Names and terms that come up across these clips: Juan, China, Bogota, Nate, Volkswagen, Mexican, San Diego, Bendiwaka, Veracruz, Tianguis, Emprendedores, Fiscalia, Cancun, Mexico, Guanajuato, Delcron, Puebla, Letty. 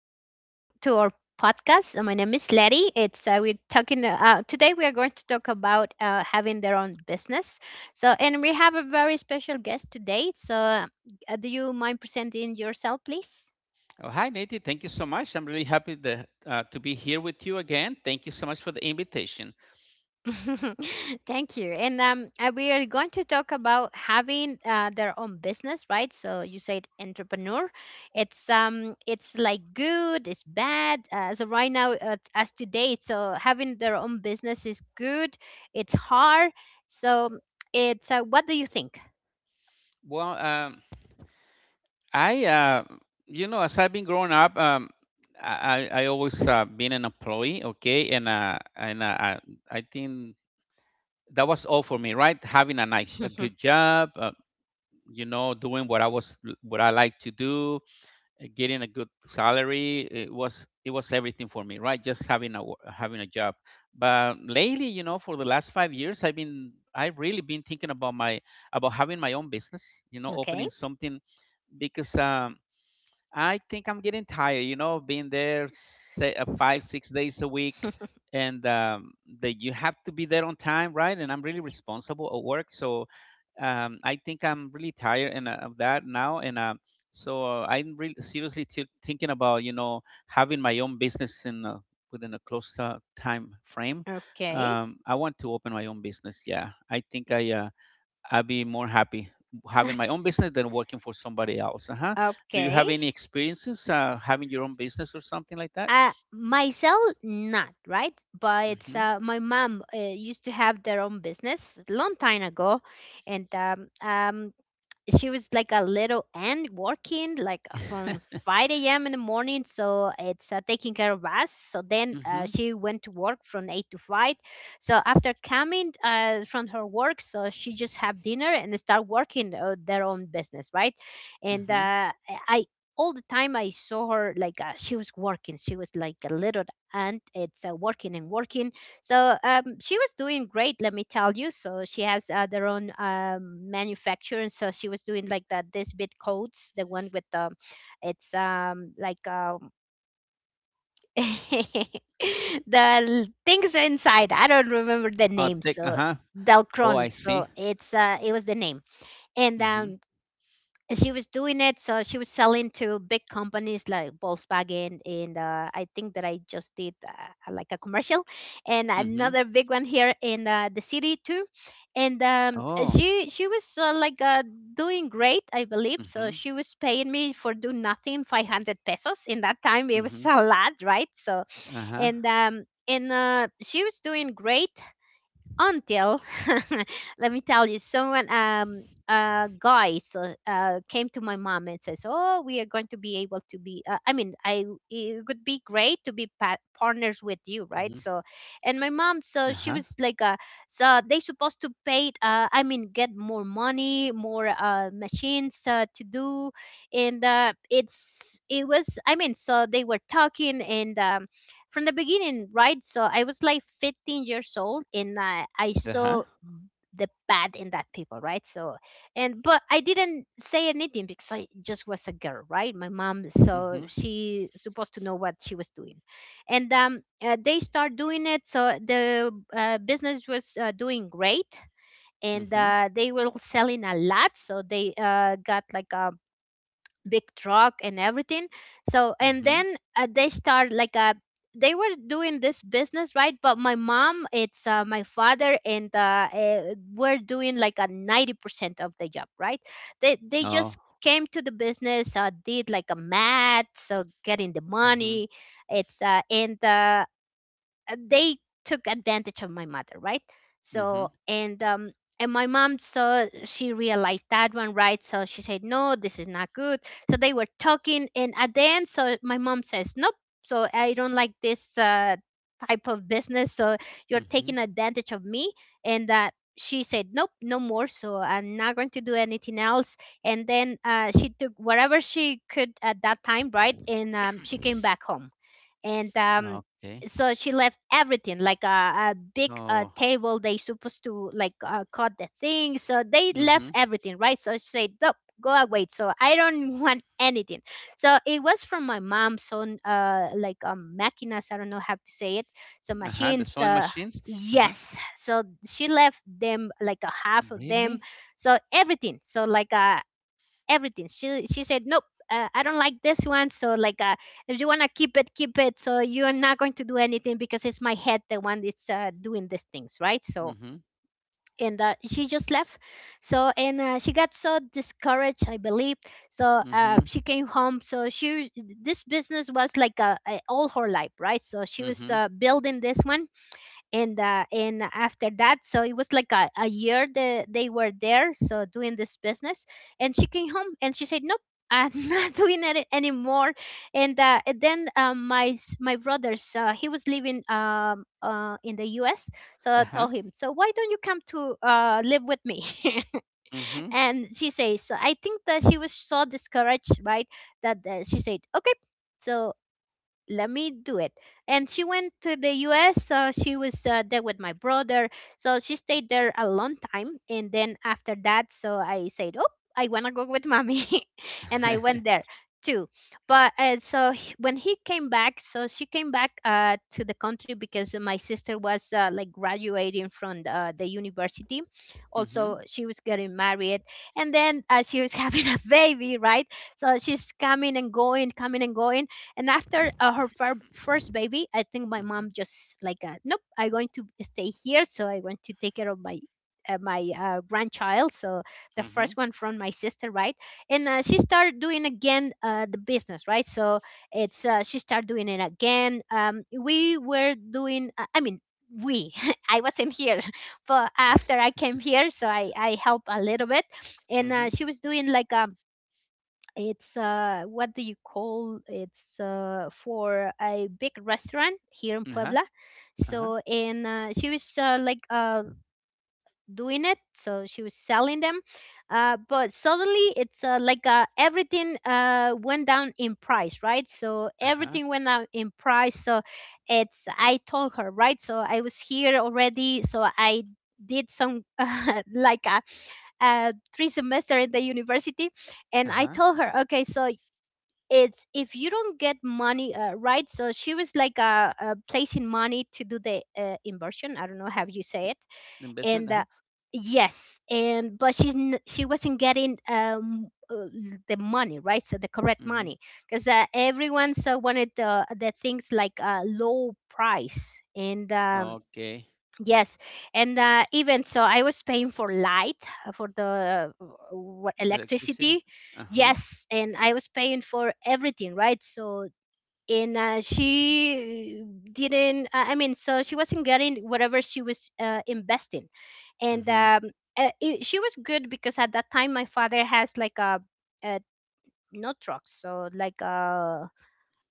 coming today to our podcast. My name is Letty. It's We're talking today we are going to talk about having their own business. And we have a very special guest today. So do you mind presenting yourself please? Oh, hi, Nate. Thank you so much. I'm really happy to be here with you again. Thank you so much for the invitation. Thank you. And we are going to talk about having their own business, right? So you said entrepreneur. It's like good, it's bad. So right now, as today, so having their own business is good. It's hard. So it's what do you think? Well, um, I, uh, you know, as I've been growing up, I always been an employee, okay, and I think that was all for me, right? Having a nice, a good job, you know, doing what I was, what I like to do, getting a good salary. It was everything for me, right? Just having having a job. But lately, you know, for the last 5 years, I've really been thinking about my about having my own business, you know, opening Okay. something because I think I'm getting tired, you know, being there, say, 5 6 days a week. And that you have to be there on time, right? And I'm really responsible at work. So I think I'm really tired, and of that now, and I'm really seriously thinking about, you know, having my own business in within a close time frame. Okay. I want to open my own business. Yeah, I think I'll be more happy having my own business than working for somebody else. Uh huh. Do you Okay. have any experiences having your own business or something like that? Myself, not right, but Mm-hmm. My mom used to have their own business long time ago, and she was like a little and working like from 5 a.m. in the morning, so it's taking care of us. So then Mm-hmm. she went to work from 8 to 5. So after coming from her work, so she just have dinner and start working their own business, right? And Mm-hmm. I all the time I saw her like she was working. She was like a little aunt. It's Working and working, so she was doing great, let me tell you. So she has their own manufacturer, and so she was doing like the this bit coats, the one with the, it's like the things inside. I don't remember the name. Take. Uh So huh. Oh, I Delcron. see. So it was the name, and Mm-hmm. She was doing it, so she was selling to big companies like Volkswagen, and I think that I just did like a commercial and Mm-hmm. another big one here in the city too. And Oh. she was like doing great, I believe. So Mm-hmm. she was paying me for do nothing 500 pesos. In that time it was a lot, right? So Uh-huh. And she was doing great until let me tell you, someone, guy, so came to my mom and says, oh, we are going to be able to be I mean I it would be great to be partners with Mhm. you, right? So and my mom, Uh-huh. so she was like, so they supposed to pay, get more money, more machines to do. And it was, I mean, so they were talking, and from the beginning, right? So I was like 15 years old, and I Uh-huh. saw the bad in that people, right? So, and but I didn't say anything because I just was a girl, right? My mom, Mhm. so she supposed to know what she was doing, and they start doing it. So the business was doing great, and Mhm. They were selling a lot. So they got like a big truck and everything. So and Mhm. then they start like a, they were doing this business, right? But my mom, it's my father, and we're doing like a 90% of the job, right? They Oh. just came to the business, did like a math, so getting the Mhm. money. It's and They took advantage of my mother, right? Mhm. So and my mom saw, she realized that one, right? So she said, no, this is not good. So they were talking, and at the end, so my mom says, nope, so I don't like this type of business. So you're Mhm. taking advantage of me, and she said nope, no more. So I'm not going to do anything else. And then she took whatever she could at that time, right? And she came back home. And Okay. so she left everything like a big Oh. table. They supposed to like cut the thing, so they left Mhm. everything, right? So she said, nope, go away, so I don't want anything. So it was from my mom's own machinas, I don't know how to say it, so Uh-huh. The machines. sewing machines. Uh-huh. Yes, so she left them like a half of them, Really? so everything, so like a everything. She said, nope, I don't like this one. So like, if you wanna keep it, keep it. So you're not going to do anything because it's my head the one that's doing these things, right? So Mhm. and she just left. So and she got so discouraged, I believe. So Mhm. she came home. So she, this business was like all her life, right? So she was Mhm. Building this one. And after that, so it was like a year that they were there, so doing this business. And she came home and she said, nope, I'm not doing it anymore. And then my my brothers, he was living in the US. So I Uh-huh. told him, so why don't you come to live with me? Mhm. And she says, I think that she was so discouraged, right, that she said okay. So let me do it. And she went to the US, so she was there with my brother. So she stayed there a long time. And then after that, so I said, oh, I want to go with mommy and I went there too. But when he came back, so she came back to the country because my sister was like graduating from the university. Mhm. Also, she was getting married. And then she was having a baby, right? So she's coming and going, coming and going. And after her first baby, I think my Mhm. mom just like, nope, I'm going to stay here. So I want to take care of my grandchild. So the first Mhm. one from my sister, right? And she started doing again the business, right? So it's she started doing it again. We were doing, I mean. We, I wasn't here, but after I came here, so I helped a little bit, and Mhm. she was doing like it's what do you call, it's for a big restaurant here in Uh-huh. Puebla. Uh-huh. So and she was like doing it, so she was selling them. But suddenly it's like everything went down in price, right? So Uh-huh. everything went down in price. So it's I told her, right? So I was here already, so I did some like a three semester at the university. And I Uh-huh. told her, okay, so it's if you don't get money, right? So she was like, placing money to do the inversion, I don't know how you say it. And Investment. Uh-huh. yes, and but she's she wasn't getting the money, right? So the correct Mhm. money, because everyone, so wanted the things like low price. And Okay. yes, and even so, I was paying for light, for the Electricity. electricity. Uh-huh. Yes, and I was paying for everything, right? So and she didn't. I mean, so she wasn't getting whatever she was investing. And Mhm. She was good because at that time my father has like a no truck, so like a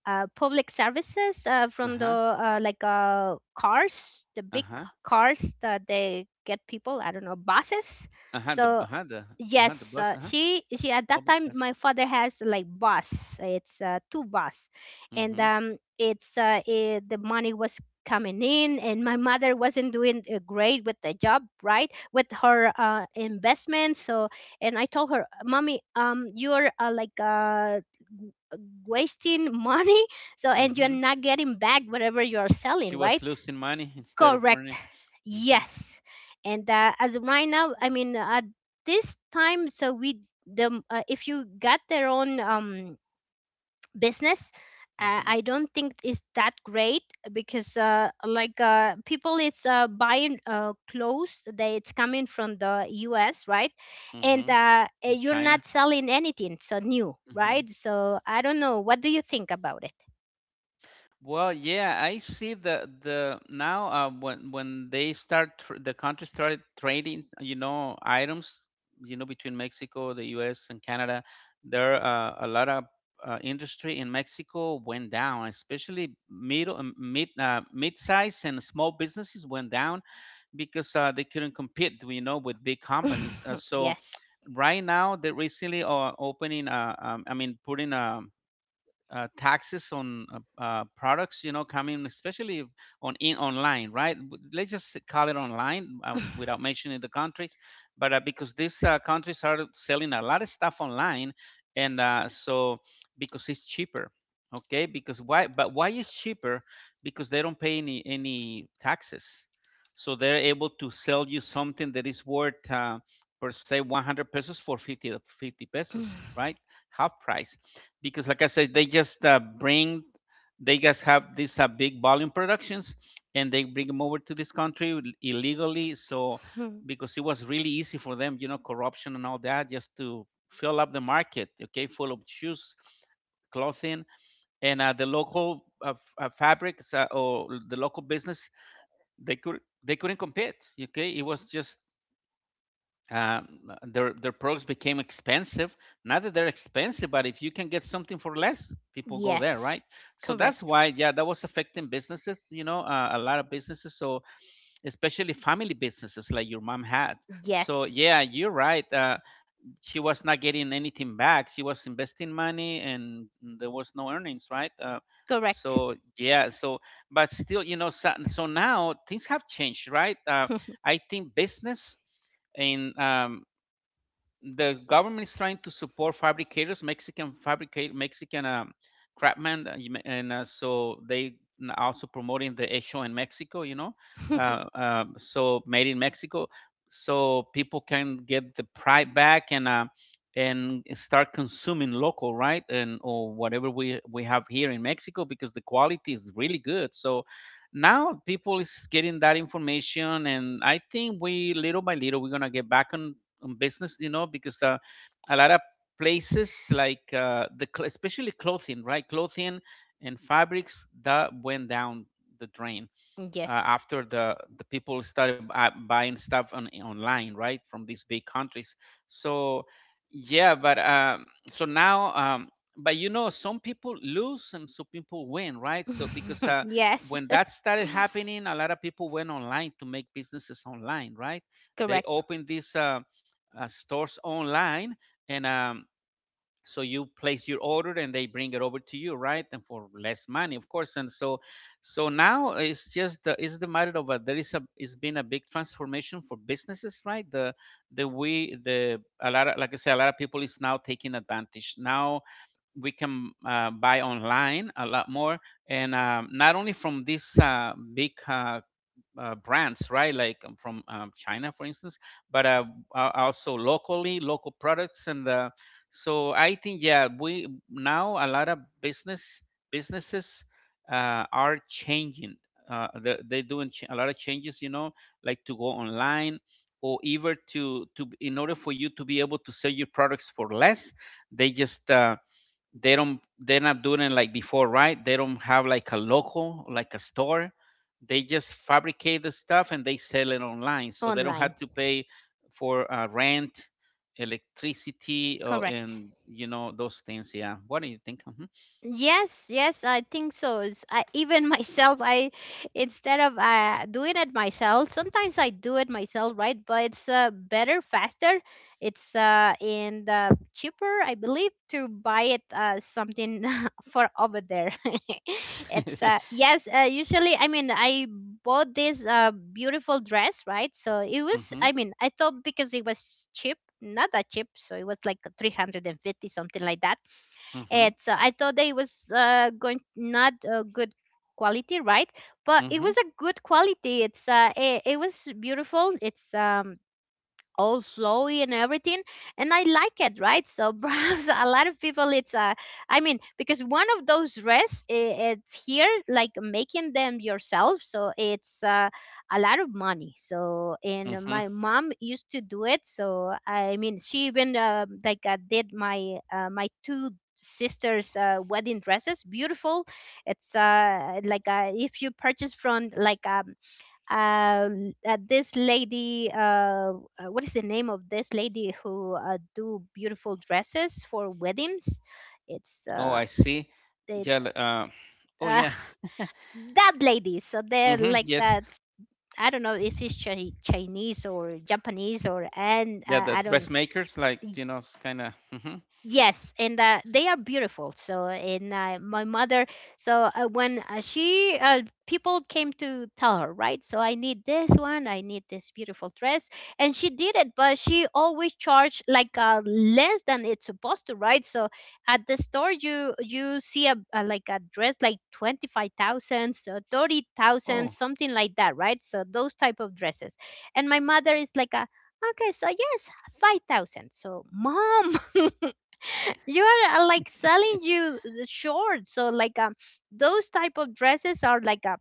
public services from the Uh-huh. Like cars, the big Uh-huh. cars that they get people. I don't know, buses. I had the So I had the I had the yes, bus, uh-huh. she at that Public time bus. my father has like bus. It's Two bus, and Hmm. The money was coming in, and my mother wasn't doing great with the job, right? With her investment. So and I told her, mommy, you're wasting money, so and you're Hmm. not getting back whatever you're selling, She right? was losing money instead of Correct. earning. Hmm. Yes. And as of right now, I mean, at this time, so we, the if you got their own business, Hmm. I don't think it's that great because people it's buying clothes, they, it's coming from the US, right? And Hmm. For you're not China. selling anything so new, right? Hmm. So I don't know, what do you think about it? Well, yeah, I see the now when the country started trading, you know, items, you know, between Mexico, the U.S. and Canada, there a lot of industry in Mexico went down, especially mid-size and small businesses went down because they couldn't compete, you know, with big companies. So Yes. right now they're recently I mean, putting a taxes on products, you know, coming, especially on in online, right? Let's just call it online without mentioning the countries, but because these countries are selling a lot of stuff online, and so because it's cheaper, okay? Because why? But why is cheaper? Because they don't pay any taxes, so they're able to sell you something that is worth, uh, per se 100 pesos for 50 pesos, right? Half price because, like I said, they just bring they just have these big volume productions and they bring them over to this country illegally. So Mhm. because it was really easy for them, you know, corruption and all that, just to fill up the market, okay, full of shoes, clothing, and the local fabrics or the local business, they couldn't compete. Okay, it was just um, their products became expensive. Not that they're expensive, but if you can get something for less, people go there, right? Yes. So that's Correct. why, yeah, that was affecting businesses, you know, a lot of businesses. So especially family businesses like your mom had. So yeah, Yes. you're right. She was not getting anything back. She was investing money, and there was no earnings, right? Correct. So yeah, so but still, you know, so now things have changed, right? I think business and the government is trying to support fabricators, Mexican craftsmen, and so they also promoting the show in Mexico. You know, so made in Mexico, so people can get the pride back and start consuming local, right, and or whatever we have here in Mexico because the quality is really good. So now people is getting that information, and I think we, little by little, we're gonna get back on business, you know, because a lot of places like especially clothing, right? Clothing and fabrics that went down the drain Yes. after the people started buying stuff on online, right, from these big countries. So yeah, but so now but you know, some people lose and some people win, right? So because Yes. when that started happening, a lot of people went online to make businesses online, right? They Correct. opened these stores online. And so you place your order and they bring it over to you, right, and for less money, of course. And so so now it's just it's the matter of there is a it's been a big transformation for businesses, right? The we the A lot of, like I said, a lot of people is now taking advantage. Now we can buy online a lot more, and not only from these big brands, right? Like from China, for instance, but also locally, local products, and so I think, yeah, we now a lot of business businesses are changing. They're doing a lot of changes, you know, like to go online or even to in order for you to be able to sell your products for less, they just they're not doing it like before, right? They don't have like a local, like a store. They just fabricate the stuff and they sell it online, so they don't have Online. to pay for rent, electricity, or, Correct. and you know those things. Yeah, what do you think? Hmm. Yes, yes, I think so. I, even myself, I, instead of doing it myself, sometimes I do it myself, right? But it's better, faster. It's And cheaper, I believe, to buy it, something for over there. it's yes, usually, I mean, I bought this beautiful dress, right? So it was, Hmm. I thought because it was cheap, not that cheap, so it was like 350, something like that Hmm. it's I thought that it was going not a good quality, right? But it Hmm. was a good quality. It was beautiful. It's all flowy and everything, and I like it, right? So perhaps a lot of people it's because one of those dress, it's here like making them yourself, so it's a lot of money. So, and Hmm. my mom used to do it. So, she even like did my my two sisters wedding dresses, beautiful. It's like if you purchase from like uh, this lady — what is the name of this lady who do beautiful dresses for weddings? It's Oh, uh, I see. Yeah. It's oh, uh, yeah. that lady, so they're Hmm. like Yes. that. I don't know if it's Chinese or Japanese or, and Yeah. The I don't. dressmakers, like, you know, it's kind of. Hmm. Yes, and they are beautiful. So, and my mother, so when she, people came to tell her, right? So, I need this one, I need this beautiful dress. And she did it, but she always charged like less than it's supposed to, right? So, at the store, you see a like a dress like 25,000, so 30,000, Oh. something like that, right? So, those type of dresses. And my mother is like, a, okay, so yes, 5,000. So, mom. You are like selling you the short, so those type of dresses are like a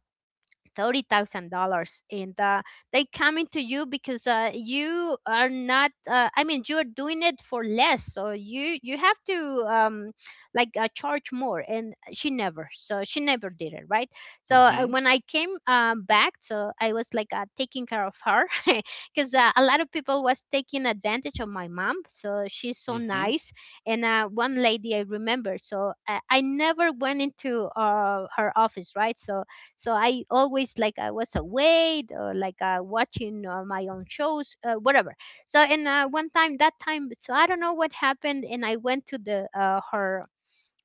$30,000, and they coming to you because you are not. I mean, you are doing it for less, so you have to um, like charge more. And she never, so she never did it, right? So Hmm. when I came back, so I was like taking care of her. Because a lot of people was taking advantage of my mom. So she's so Hmm. nice, and one lady I remember. So I never went into her office, right? So I always like I was awake or like watching my own shows, whatever. So and one time, that time, so I don't know what happened, and I went to the her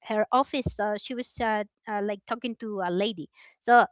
her office. She was like talking to a lady. So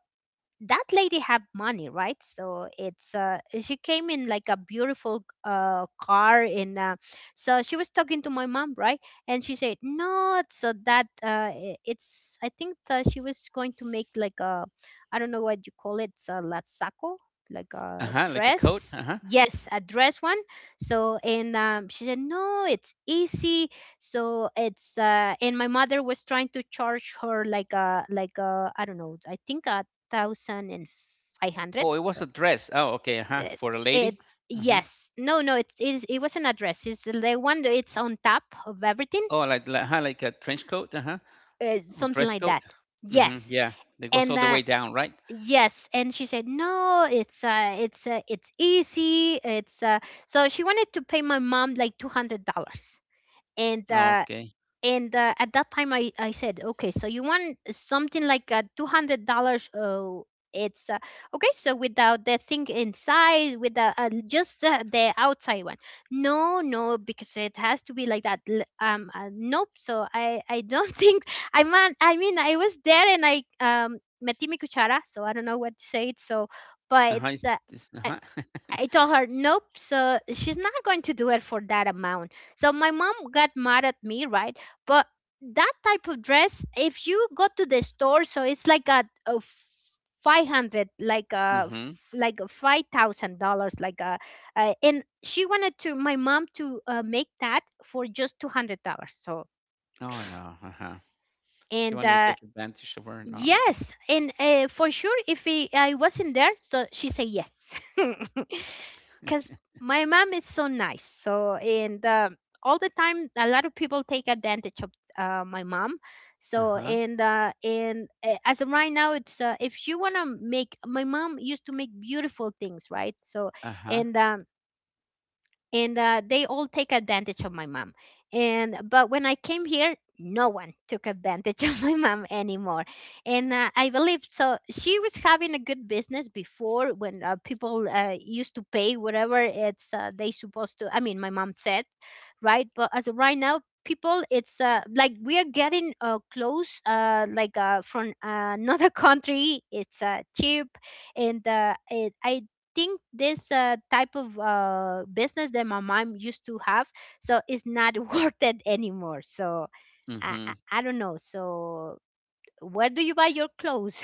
that lady have money, right? So it's she came in like a beautiful car. In So she was talking to my mom, right? And she said no. So that I- it's I think she was going to make like a, I don't know what you call it, it's a lasako, like Uh a huh. Like a coat. Uh dress. huh. Yes, a dress one. So and she said no, it's easy. So it's and my mother was trying to charge her like a, like a, I don't know, I think a 1,500. Oh, it was So a dress. Oh, okay. Uh-huh. it, For a lady. it's Uh huh. yes. No, no, it is, it was an address. It's the one that it's on top of everything. Oh, like, huh, like a trench coat. Uh huh. Or Something dress like coat. that. Mm-hmm. Yes. Yeah, it goes And all the way down, right? yes, and she said, "No, it's easy. It's so she wanted to pay my mom like $200. And uh Okay. and at that time I said okay, so you want something like $200. Oh, it's okay, so without the thing inside, with the just the outside one. No, no, because it has to be like that. Nope. So I don't think, I mean I was there and I metí mi cuchara, so I don't know what to say it. So but Uh-huh. it's Uh-huh. I told her, nope, so she's not going to do it for that amount. So my mom got mad at me, right? But that type of dress, if you go to the store, so it's like a 500, like a, Mm-hmm. Like a $5,000, like a, and she wanted to, my mom to make that for just $200. So, Oh no. Uh-huh. She and wanted to take advantage of her. No, no, no. yes, and for sure, if he, I wasn't there, so she said yes, because my mom is so nice. So and all the time, a lot of people take advantage of my mom. So Uh-huh. And as of right now, it's if you wanna make, my mom used to make beautiful things, right? So Uh-huh. and um, and they all take advantage of my mom. And but when I came here, no one took advantage of my mom anymore. And I believe so she was having a good business before, when people used to pay whatever it's they supposed to, I mean, my mom said. Right, but as of right now, people it's like we are getting clothes like from another country, it's cheap. I think this type of business that my mom used to have, so it's not worth it anymore. So Mm-hmm. I don't know. So where do you buy your clothes?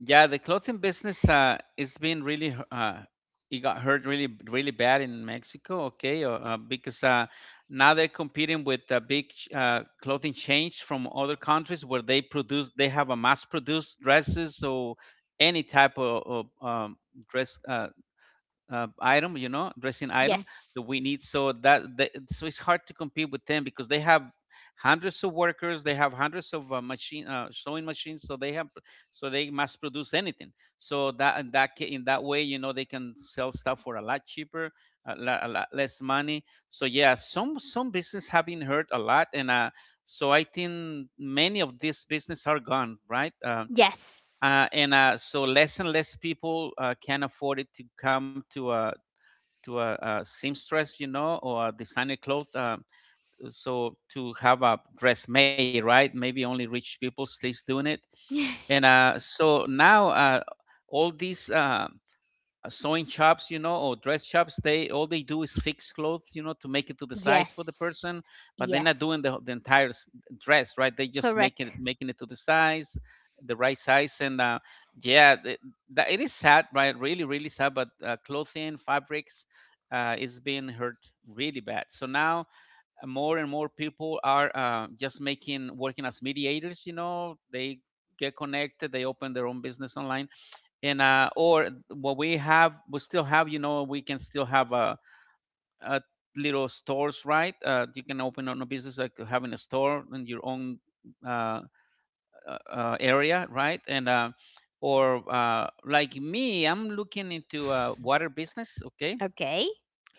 Yeah, the clothing business it's been really it got hurt really really bad in Mexico. Okay, because now they're competing with clothing chains from other countries where they have a mass produced dresses or any type of, dress item, you know, dressing item Yes. that we need. So that so it's hard to compete with them because they have hundreds of workers, they have hundreds of machine sewing machines, so they have they mass produce anything. So that in in that way, you know, they can sell stuff for a lot cheaper, a lot less money. So yeah, some business have been hurt a lot, and so I think many of these business are gone, right? Yes. And so less and less people can afford it to come to a seamstress, you know, or a designer clothes. So to have a dress made, right? Maybe only rich people stays doing it. And so now all these. Sewing shops, you know, or dress shops, they all they do is fix clothes, you know, to make it to the size for the Yes. person, but they're not Yes. doing the entire dress, right? They just Correct. making it to the size, the right size, and yeah, that, it is sad, right? Really, really sad. But clothing, fabrics, is being hurt really bad. So now more and more people are just making working as mediators. You know, they get connected, they open their own business online, and or what we have we still have, we can still have a little stores, right? You can open on a business like having a store in your own uh, area, right? And or, like me, I'm looking into water business. Okay, Okay.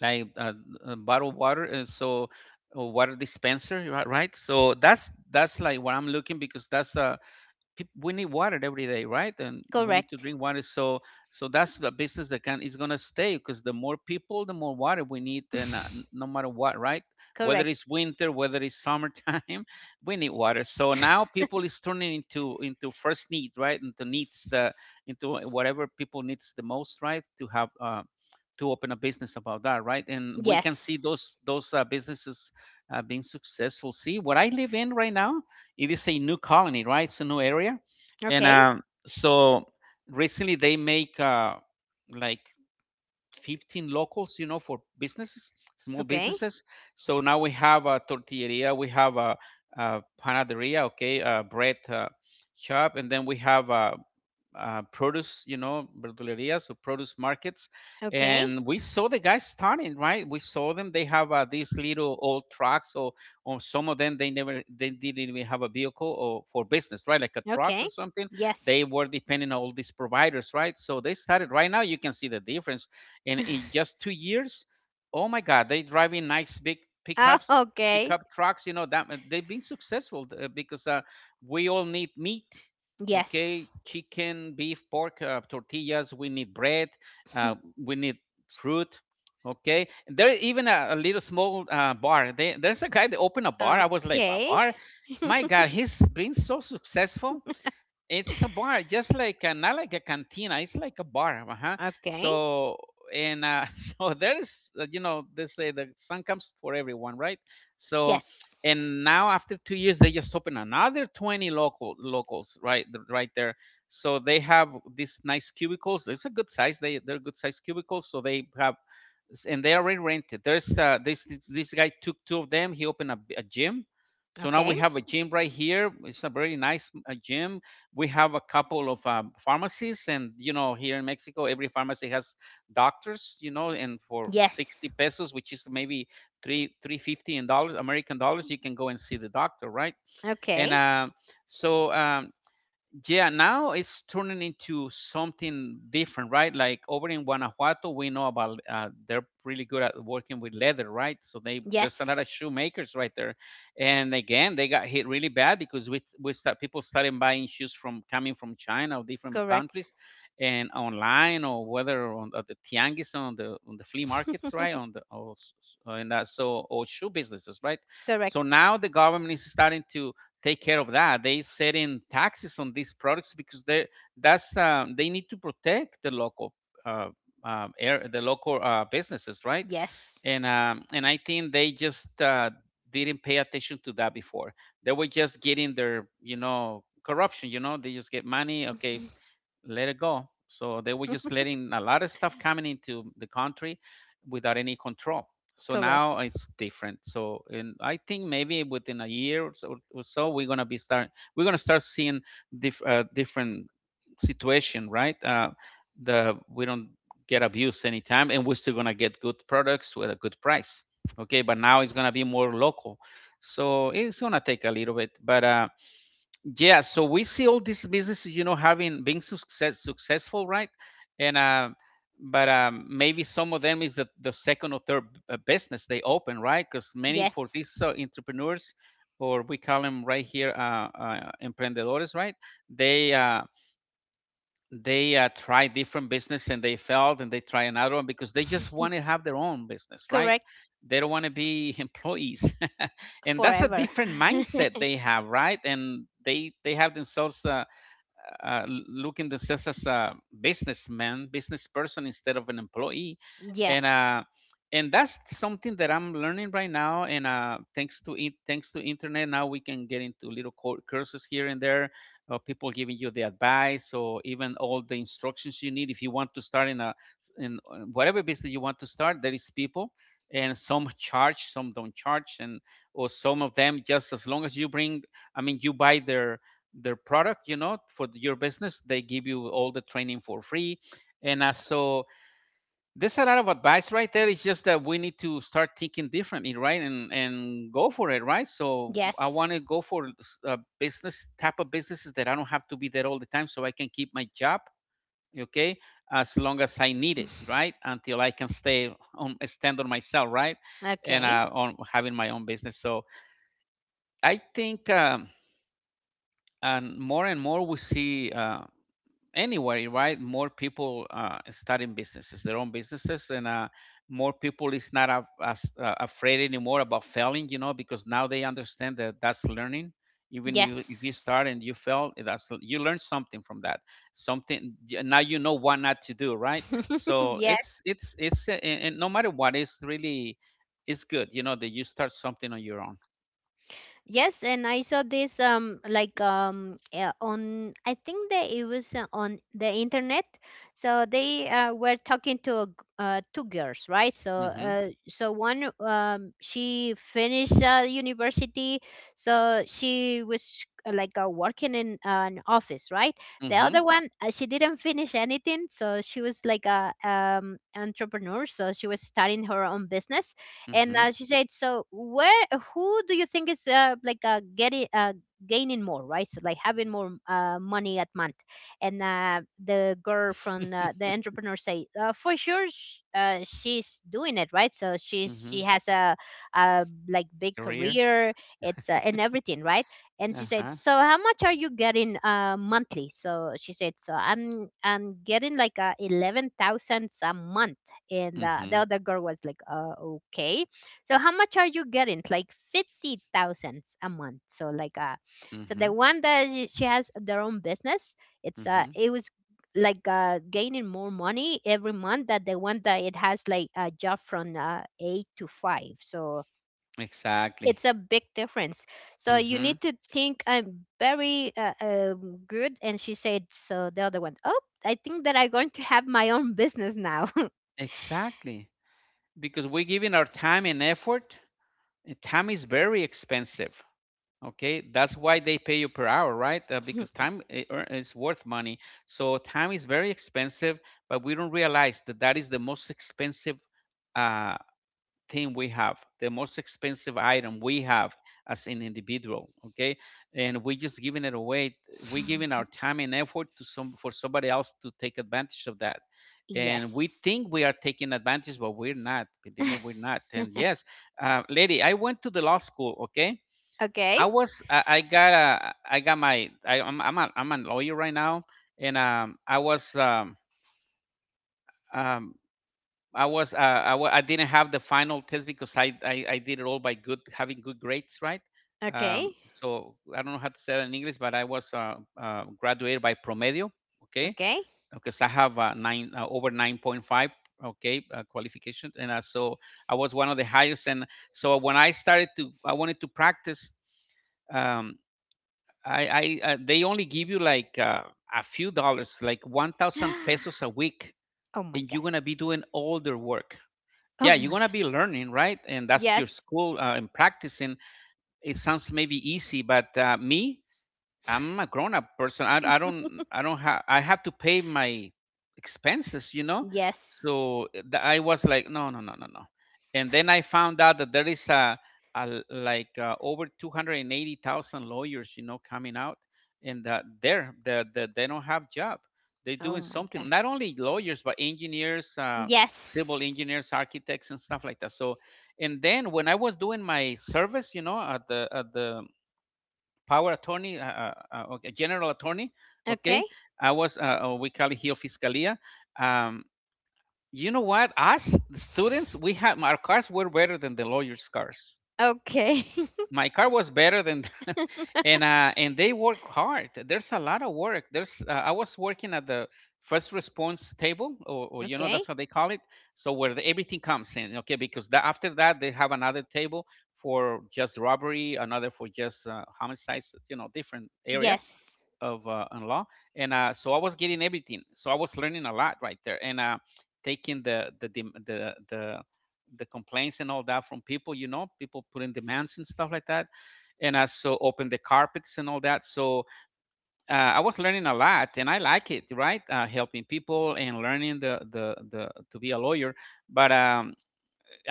like bottled water, and so a water dispenser right. So that's like what I'm looking, because we need water every day, right? And we need to Correct. drink water. So that's the business that can is going to stay, because the more people, the more water we need, and no matter what, right? Whether Correct. it's winter, whether it's summertime, we need water. So now people is turning into first need, right? Into whatever people needs the most, right? To open a business about that, right? And we can see Yes. those businesses being successful. See, what I live in right now, it is a new colony, right? It's a new area, and Okay. um, so recently they make like 15 locals, you know, for businesses, small Okay. businesses. So now we have a tortilleria, we have a panaderia, okay, a bread shop, and then we have a produce, you know, verdulerias or produce markets, Okay. and we saw the guys starting. Right, we saw them. They have these little old trucks, or some of them, they didn't even have a vehicle or for business, right, like a truck Okay. or something. Yes. They were depending on all these providers, right? So they started. Right now, you can see the difference, and in just 2 years, oh my God, they driving nice big Ah, pickups. okay. Pickup trucks, you know that they've been successful, because we all need meat. Okay? Yes. Chicken, beef, pork, tortillas, we need bread, uh, we need fruit. Okay, there's even a little small bar. There's a guy that opened a bar. I was like, a Okay. bar? My God, he's been so successful. It's a bar, just like, not like a cantina. It's like a bar, uh-huh. Okay. So, and so there is, you know, they say the sun comes for everyone, right? So, Yes. and now after 2 years, they just open another 20 locals, right, right there. So they have these nice cubicles. It's a good size. They're good size cubicles. So they have, and they already rented. There's this guy took two of them. He opened a gym. So now we Okay. have a gym right here. It's a very nice gym. We have a couple of pharmacies, and, here in Mexico, every pharmacy has doctors, you know, and for Yes. 60 pesos, which is maybe 3 350 in dollars, American dollars, you can go and see the doctor, right? and Okay. uh, so, yeah, now it's turning into something different, right? Like over in Guanajuato, we know about they're really good at working with leather, right? So they there's a lot of Yes. shoemakers right there. And again, they got hit really bad, because we start people started buying shoes from coming from China or different Correct. countries, and online, or whether on at the tianguis, on the flea markets, right, on the or, in that so, or shoe businesses, right? Correct. So now the government is starting to take care of that. They set in taxes on these products, because they need to protect the local, uh, air, the local businesses, right? Yes. And I think they just didn't pay attention to that before. They were just getting their corruption. You know, they just get money. Okay, let it go. So they were just letting a lot of stuff coming into the country without any control. So now Correct. it's different. So, and I think maybe within a year or so we're gonna start seeing different situation, right? The we don't get abused anytime, and we're still gonna get good products with a good price. Okay, but now it's gonna be more local, so it's gonna take a little bit. But, yeah, so we see all these businesses, having being successful, right? And uh, but um, maybe some of them is the second or third business they open, right? Because many for Yes. these entrepreneurs, or we call them right here, emprendedores, right? They uh, they uh, try different business, and they failed, and they try another one, because they just want to have their own business, right? Correct. They don't want to be employees and that's a Forever. different mindset they have, right? And they have themselves, looking themselves as a businessman, business person, instead of an employee, and Yes. uh, and that's something that I'm learning right now. And thanks to thanks to internet, now we can get into little courses here and there, people giving you the advice, or even all the instructions you need if you want to start in whatever business you want to start. There is people, and some charge, some don't charge, and or some of them, just as long as you bring, I mean, you buy their product, for your business, they give you all the training for free. And so there's a lot of advice right there. It's just that we need to start thinking differently, right? And go for it, right? So I want Yes. to go for business, type of businesses that I don't have to be there all the time, so I can keep my job, okay, as long as I need it, right, until I can stay on stand on myself, right, and Okay. On having my own business. So I think, and more we see anywhere, right? More people starting businesses, their own businesses, and more people is not as afraid anymore about failing, because now they understand that that's learning. Even you, if you Yes. start and you fail, that's you learn something from that. Something, now you know what not to do, right? So Yes. It's and no matter what, it's good, you know, that you start something on your own. Yes, and I saw this yeah, on, I think that it was on the internet. So they were talking to a two girls, right? So Mhm. So one she finished university, so she was like working in an office, right? The Mhm. other one, she didn't finish anything, so she was like a entrepreneur, so she was starting her own business. And Mhm. She said, so where, who do you think is like getting gaining more, right? So like having more money at month. And the girl from the entrepreneur say, for sure she's doing it, right? So she's, she Mhm. has a like big Career. career, it's and everything, right? And Uh she said, huh. so how much are you getting monthly? So she said, so I'm getting like 11,000 a month. And the Mhm. other girl was like, okay, so how much are you getting? Like 50 thousands a month. So like so the Mhm. one that she has their own business, Hmm. it was like gaining more money every month that the one that it has like a job from eight to five. So Exactly. it's a big difference. So you Hmm. need to think, I'm very good. And she said, so the other one, oh, I think that I'm going to have my own business now. Exactly. Because we're giving our time and effort. And time is very expensive. Okay, that's why they pay you per hour, right? Because time, is worth money. So time is very expensive, but we don't realize that that is the most expensive, uh, thing we have, the most expensive item we have as an individual. Okay, and we just giving it away. We giving our time and effort to some for somebody else to take advantage of that. And we Yes. think we are taking advantage, but we're not. Believe me, we're not. And yes, lady, I went to the law school. Okay, Okay. I'm a lawyer right now, and um I was I, w- I didn't have the final test, because I did it all by good having good grades, right? Okay. So I don't know how to say that in English, but I was graduated by promedio, okay? Okay. Because I have nine over 9.5, okay, qualification, and so I was one of the highest. And so when I started to, I wanted to practice. Um, I they only give you like a few dollars, like 1,000 pesos a week, Oh my and god. you're gonna be doing all their work. Oh Yeah, you're my gonna god. be learning, right, and that's your Yes. school, and practicing. It sounds maybe easy, but, me, I'm a grown up person. I don't have I have to pay my expenses. Yes. So, I was like, no, no, no, no, no. And then I found out that there is like, over 280,000 lawyers, you know, coming out, and that they don't have job. They're Oh doing my something. god. Not only lawyers, but engineers, civil Yes. engineers, architects, and stuff like that. So, and then when I was doing my service, you know, at the power attorney, okay, general attorney. Okay. Okay, I was, we call it here fiscalia. Um, you know what? Us the students, we had our cars were better than the lawyers' cars. Okay. My car was better than and they work hard. There's a lot of work. There's I was working at the first response table, or you know, Okay. that's how they call it. So where everything comes in, okay, because after that, they have another table for just robbery, another for just homicides, you know, different areas Yes. of in law. And so I was getting everything, so I was learning a lot right there, and taking the complaints and all that from people, people putting demands and stuff like that. And I so opened the carpets and all that. So I was learning a lot, and I like it, right? Helping people and learning the to be a lawyer. But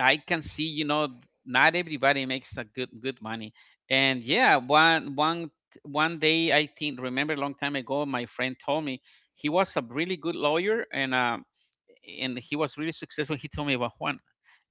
I can see, you know, not everybody makes a good money. And yeah, one day I think remember a long time ago, my friend told me he was a really good lawyer, and he was really successful. He told me about Juan,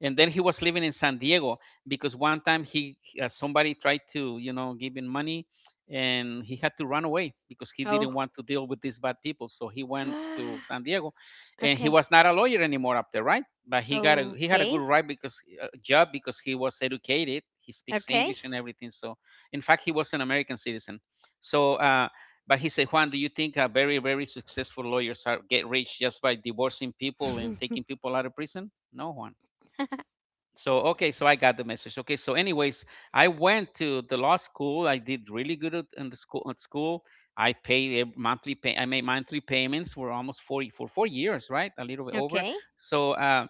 and then he was living in San Diego because one time he somebody tried to give him money, and he had to run away because he Oh. didn't want to deal with these bad people. So he went to San Diego, and he Okay. was not a lawyer anymore up there, right? But he got a he had a Okay. good right because job because he was educated. He speaks Okay. English and everything. So in fact, he was an American citizen. So but he said, Juan, do you think very, very successful lawyers are get rich just by divorcing people and taking people out of prison? No, Juan. So okay, so I got the message. Okay, so anyways, I went to the law school. I did really good in the school. At school, I paid a monthly pay. I made monthly payments for almost forty for 4 years, right? A little bit over. Okay. So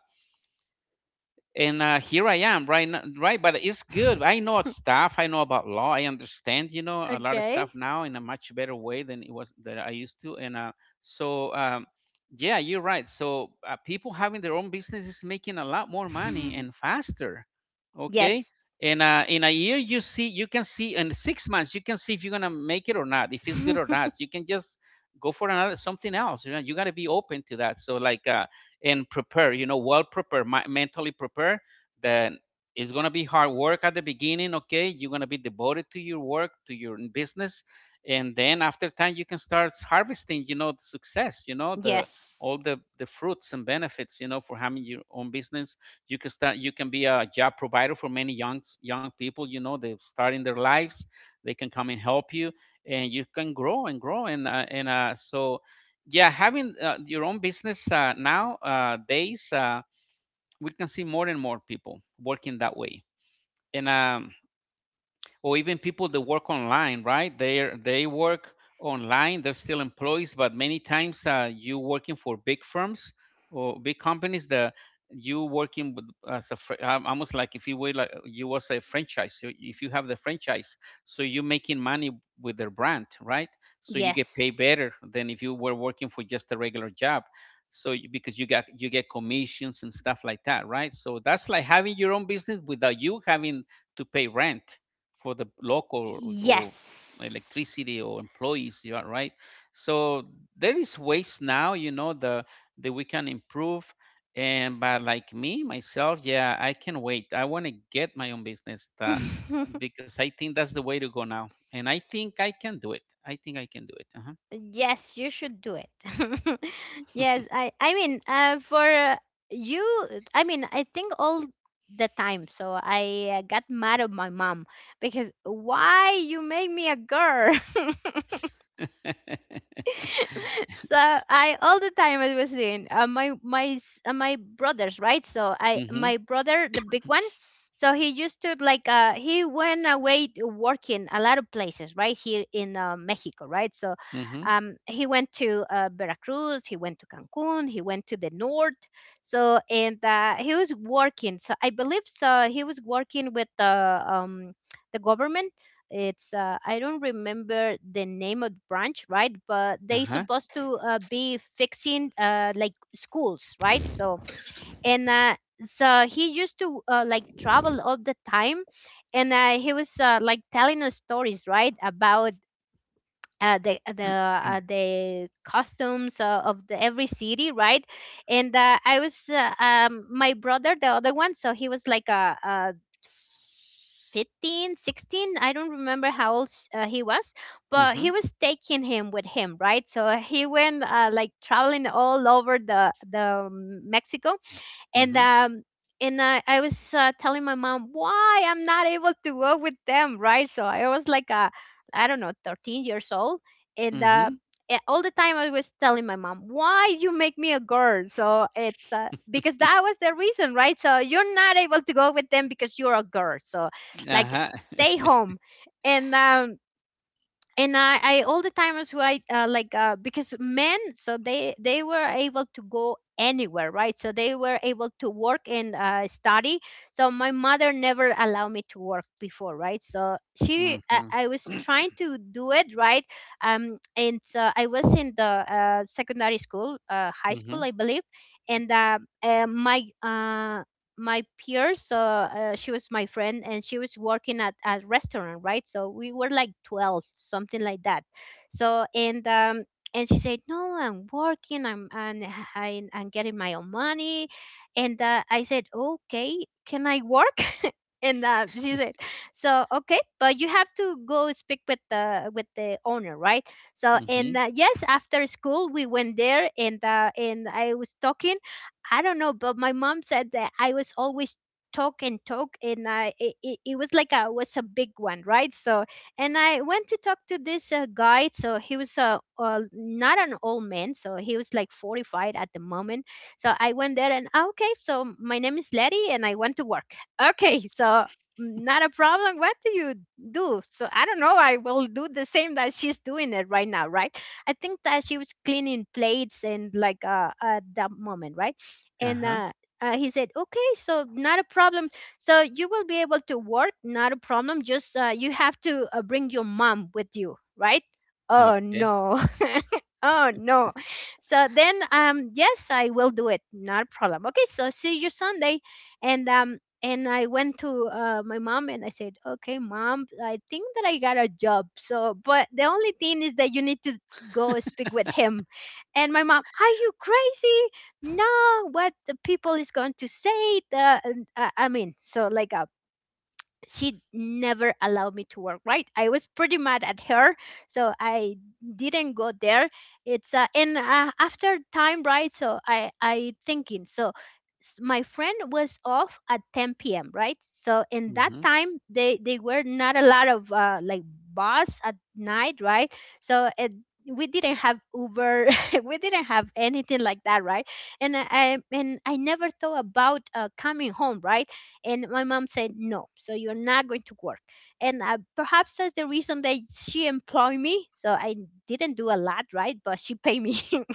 and here I am, right? Now, right, but it's good. I know stuff. I know about law. I understand, you know, a lot of Okay. stuff now in a much better way than it was that I used to. And so, um, yeah, you're right. So people having their own business is making a lot more money and faster. Okay, Yes. and in a year you see, you can see in 6 months you can see if you're gonna make it or not, if it's good or not. You can just go for another something else. You know, you gotta be open to that. So like. And prepare, you know, well prepare, mentally prepare, then it's going to be hard work at the beginning. Okay. You're going to be devoted to your work, to your business. And then after time, you can start harvesting, you know, the success, you know, all Yes. the fruits and benefits, you know, for having your own business. You can start, you can be a job provider for many young people, you know, they're starting their lives. They can come and help you and you can grow and grow. And, yeah having your own business now days, we can see more and more people working that way and or even people that work online, right? They work online. They're still employees, but many times you working for big firms or big companies that you working with as a almost like if you were like you was a franchise. If you have the franchise, so you're making money with their brand, right? So you get Yes. paid better than if you were working for just a regular job. So because you get commissions and stuff like that, right? So that's like having your own business without you having to pay rent for the local or Yes. electricity or employees you are right. So there is ways now, you know, the that we can improve. And but like me myself, yeah, I can wait. I want to get my own business, that, because I think that's the way to go now and I think I can do it. I think I can do it. Uh-huh. Yes, you should do it. Yes, I mean, for you, I mean, I think all the time. So I got mad at my mom because, why you make me a girl? So I all the time I was doing my my brothers, right. So I, Mm-hmm. my brother the big one. So he used to like he went away to working a lot of places right here in Mexico, right. So Mm-hmm. He went to Veracruz, he went to Cancun, he went to the north. So and he was working. So I believe so he was working with the government. It's I don't remember the name of the branch, right, but they Uh-huh. supposed to be fixing like schools, right? And uh, so he used to like travel all the time, and he was like telling us stories right about the customs of the every city, right? And I was my brother, the other one, so he was like a 15, 16, I don't remember how old he was, but Mm-hmm. he was taking him with him, right? So he went like traveling all over the Mexico, and Mm-hmm. um and I was telling my mom, why I'm not able to go with them, right? So I was like, I don't know, 13 years old, and uh, Mm-hmm. All the time I was telling my mom, why you make me a girl? So it's because that was the reason, right? So you're not able to go with them because you're a girl. So like, Uh-huh. stay home, and um, and I all the time was right like because men, so they were able to go anywhere, right? So they were able to work and study. So my mother never allowed me to work before, right? So Mm-hmm. I was trying to do it, right? And so I was in the secondary school, high Hmm. school I believe. And my my peers, so she was my friend, and she was working at a restaurant, right? So we were like 12, something like that. So and she said, "No, I'm working, I'm getting my own money." And I said, "Okay, can I work?" And she said, so, "Okay, but you have to go speak with the owner, right?" So Hmm. and yes, after school we went there, and I was talking. I don't know, but my mom said that I was always talk and talk, and I it, it it was like a was a big one, right? So, and I went to talk to this guy. So he was a not an old man, so he was like 45 at the moment. So I went there and, "Ah, okay, so my name is Letty, and I want to work." "Okay, so mm, not a problem. What do you do?" So, "I don't know. I will do the same that she's doing it right now, right? I think that she was cleaning plates and like," at that moment, right? And Uh-huh. He said, "Okay, so not a problem. So you will be able to work, not a problem, just you have to bring your mom with you, right?" Oh Okay. no. Oh no. So then, yes, "I will do it, not a problem. Okay, so see you Sunday." And and I went to my mom and I said, "Okay, Mom, I think that I got a job, so but the only thing is that you need to go speak with him." And my mom, "Are you crazy? No, what the people is going to say?" The I mean, so like a, she never allowed me to work, right? I was pretty mad at her, so I didn't go there. It's and After time, right? So I thinking, so my friend was off at 10 p.m., right? So in that Mhm. time, they were not a lot of like bus at night, right? so it, we didn't have Uber, we didn't have anything like that, right? And I, and I never thought about coming home, right? And my mom said, "No, so you're not going to work." And perhaps that's the reason that she employed me. So I didn't do a lot, right? But she paid me.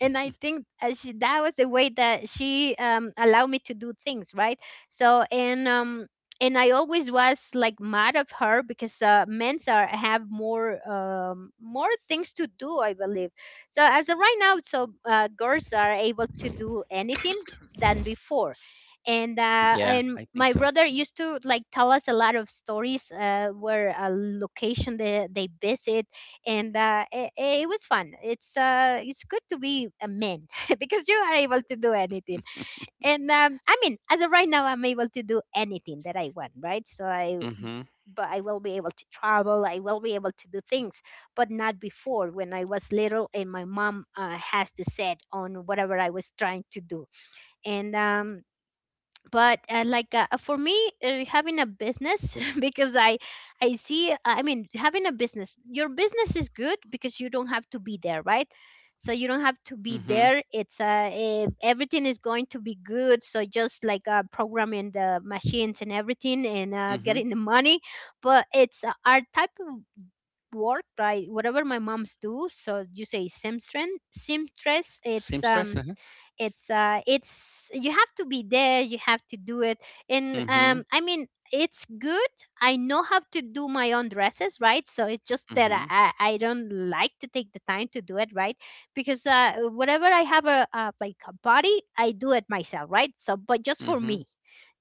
And I think she, that was the way that she allowed me to do things, right? So and I always was like mad at her because men's are have more more things to do, I believe. So as of right now, so girls are able to do anything than before. Yeah, And I think my so. brother used to like tell us a lot of stories where a location they visit. And it was fun. It's good to be a man because you are able to do anything. And I mean, as of right now, I'm able to do anything that I want, right? So I, Mm-hmm. but I will be able to travel, I will be able to do things, but not before, when I was little and my mom has to set on whatever I was trying to do. And but for me, having a business, because I see, I mean, having a business, your business, is good because you don't have to be there, right? So you don't have to be Mm-hmm. there. Everything is going to be good, so just like programming the machines and everything, and Mm-hmm. getting the money. But it's our type of work, right? Whatever my moms do, so you say seamstress. seamstress it's Seamstress. um Uh-huh. It's you have to be there, you have to do it. and Mm-hmm. um I mean, it's good. I know how to do my own dresses, right? So it's just that Mm-hmm. I don't like to take the time to do it, right? Because uh, whatever, I have a like a body, I do it myself, right? So but just for Mm-hmm. me,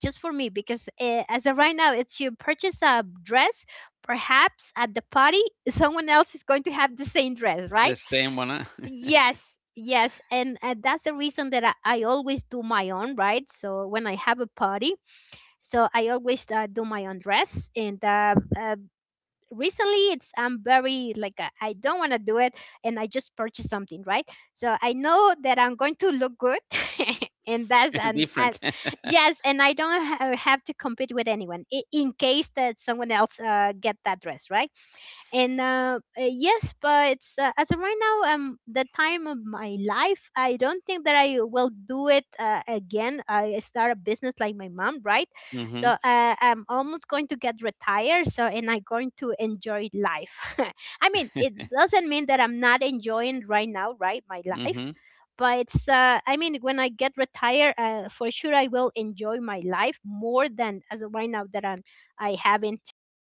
just for me, because as of right now, it's you purchase a dress, perhaps at the party, someone else is going to have the same dress, The right? same one, Yes, yes, and that's the reason that I always do my own, right? So when I have a party, so I always do my own dress. And recently, it's I'm very like I don't want to do it, and I just purchase something, right? So I know that I'm going to look good, and that's and different. yes, and I don't have to compete with anyone, in case that someone else get that dress, right? And yes, but as of right now, the time of my life, I don't think that I will do it again, I start a business like my mom, right? Mm-hmm. So I'm almost going to get retired, so and I'm going to enjoy life. I mean, it doesn't mean that I'm not enjoying right now, right, my life, Mm-hmm. but I mean, when I get retired, for sure I will enjoy my life more than as of right now, that I'm I having to have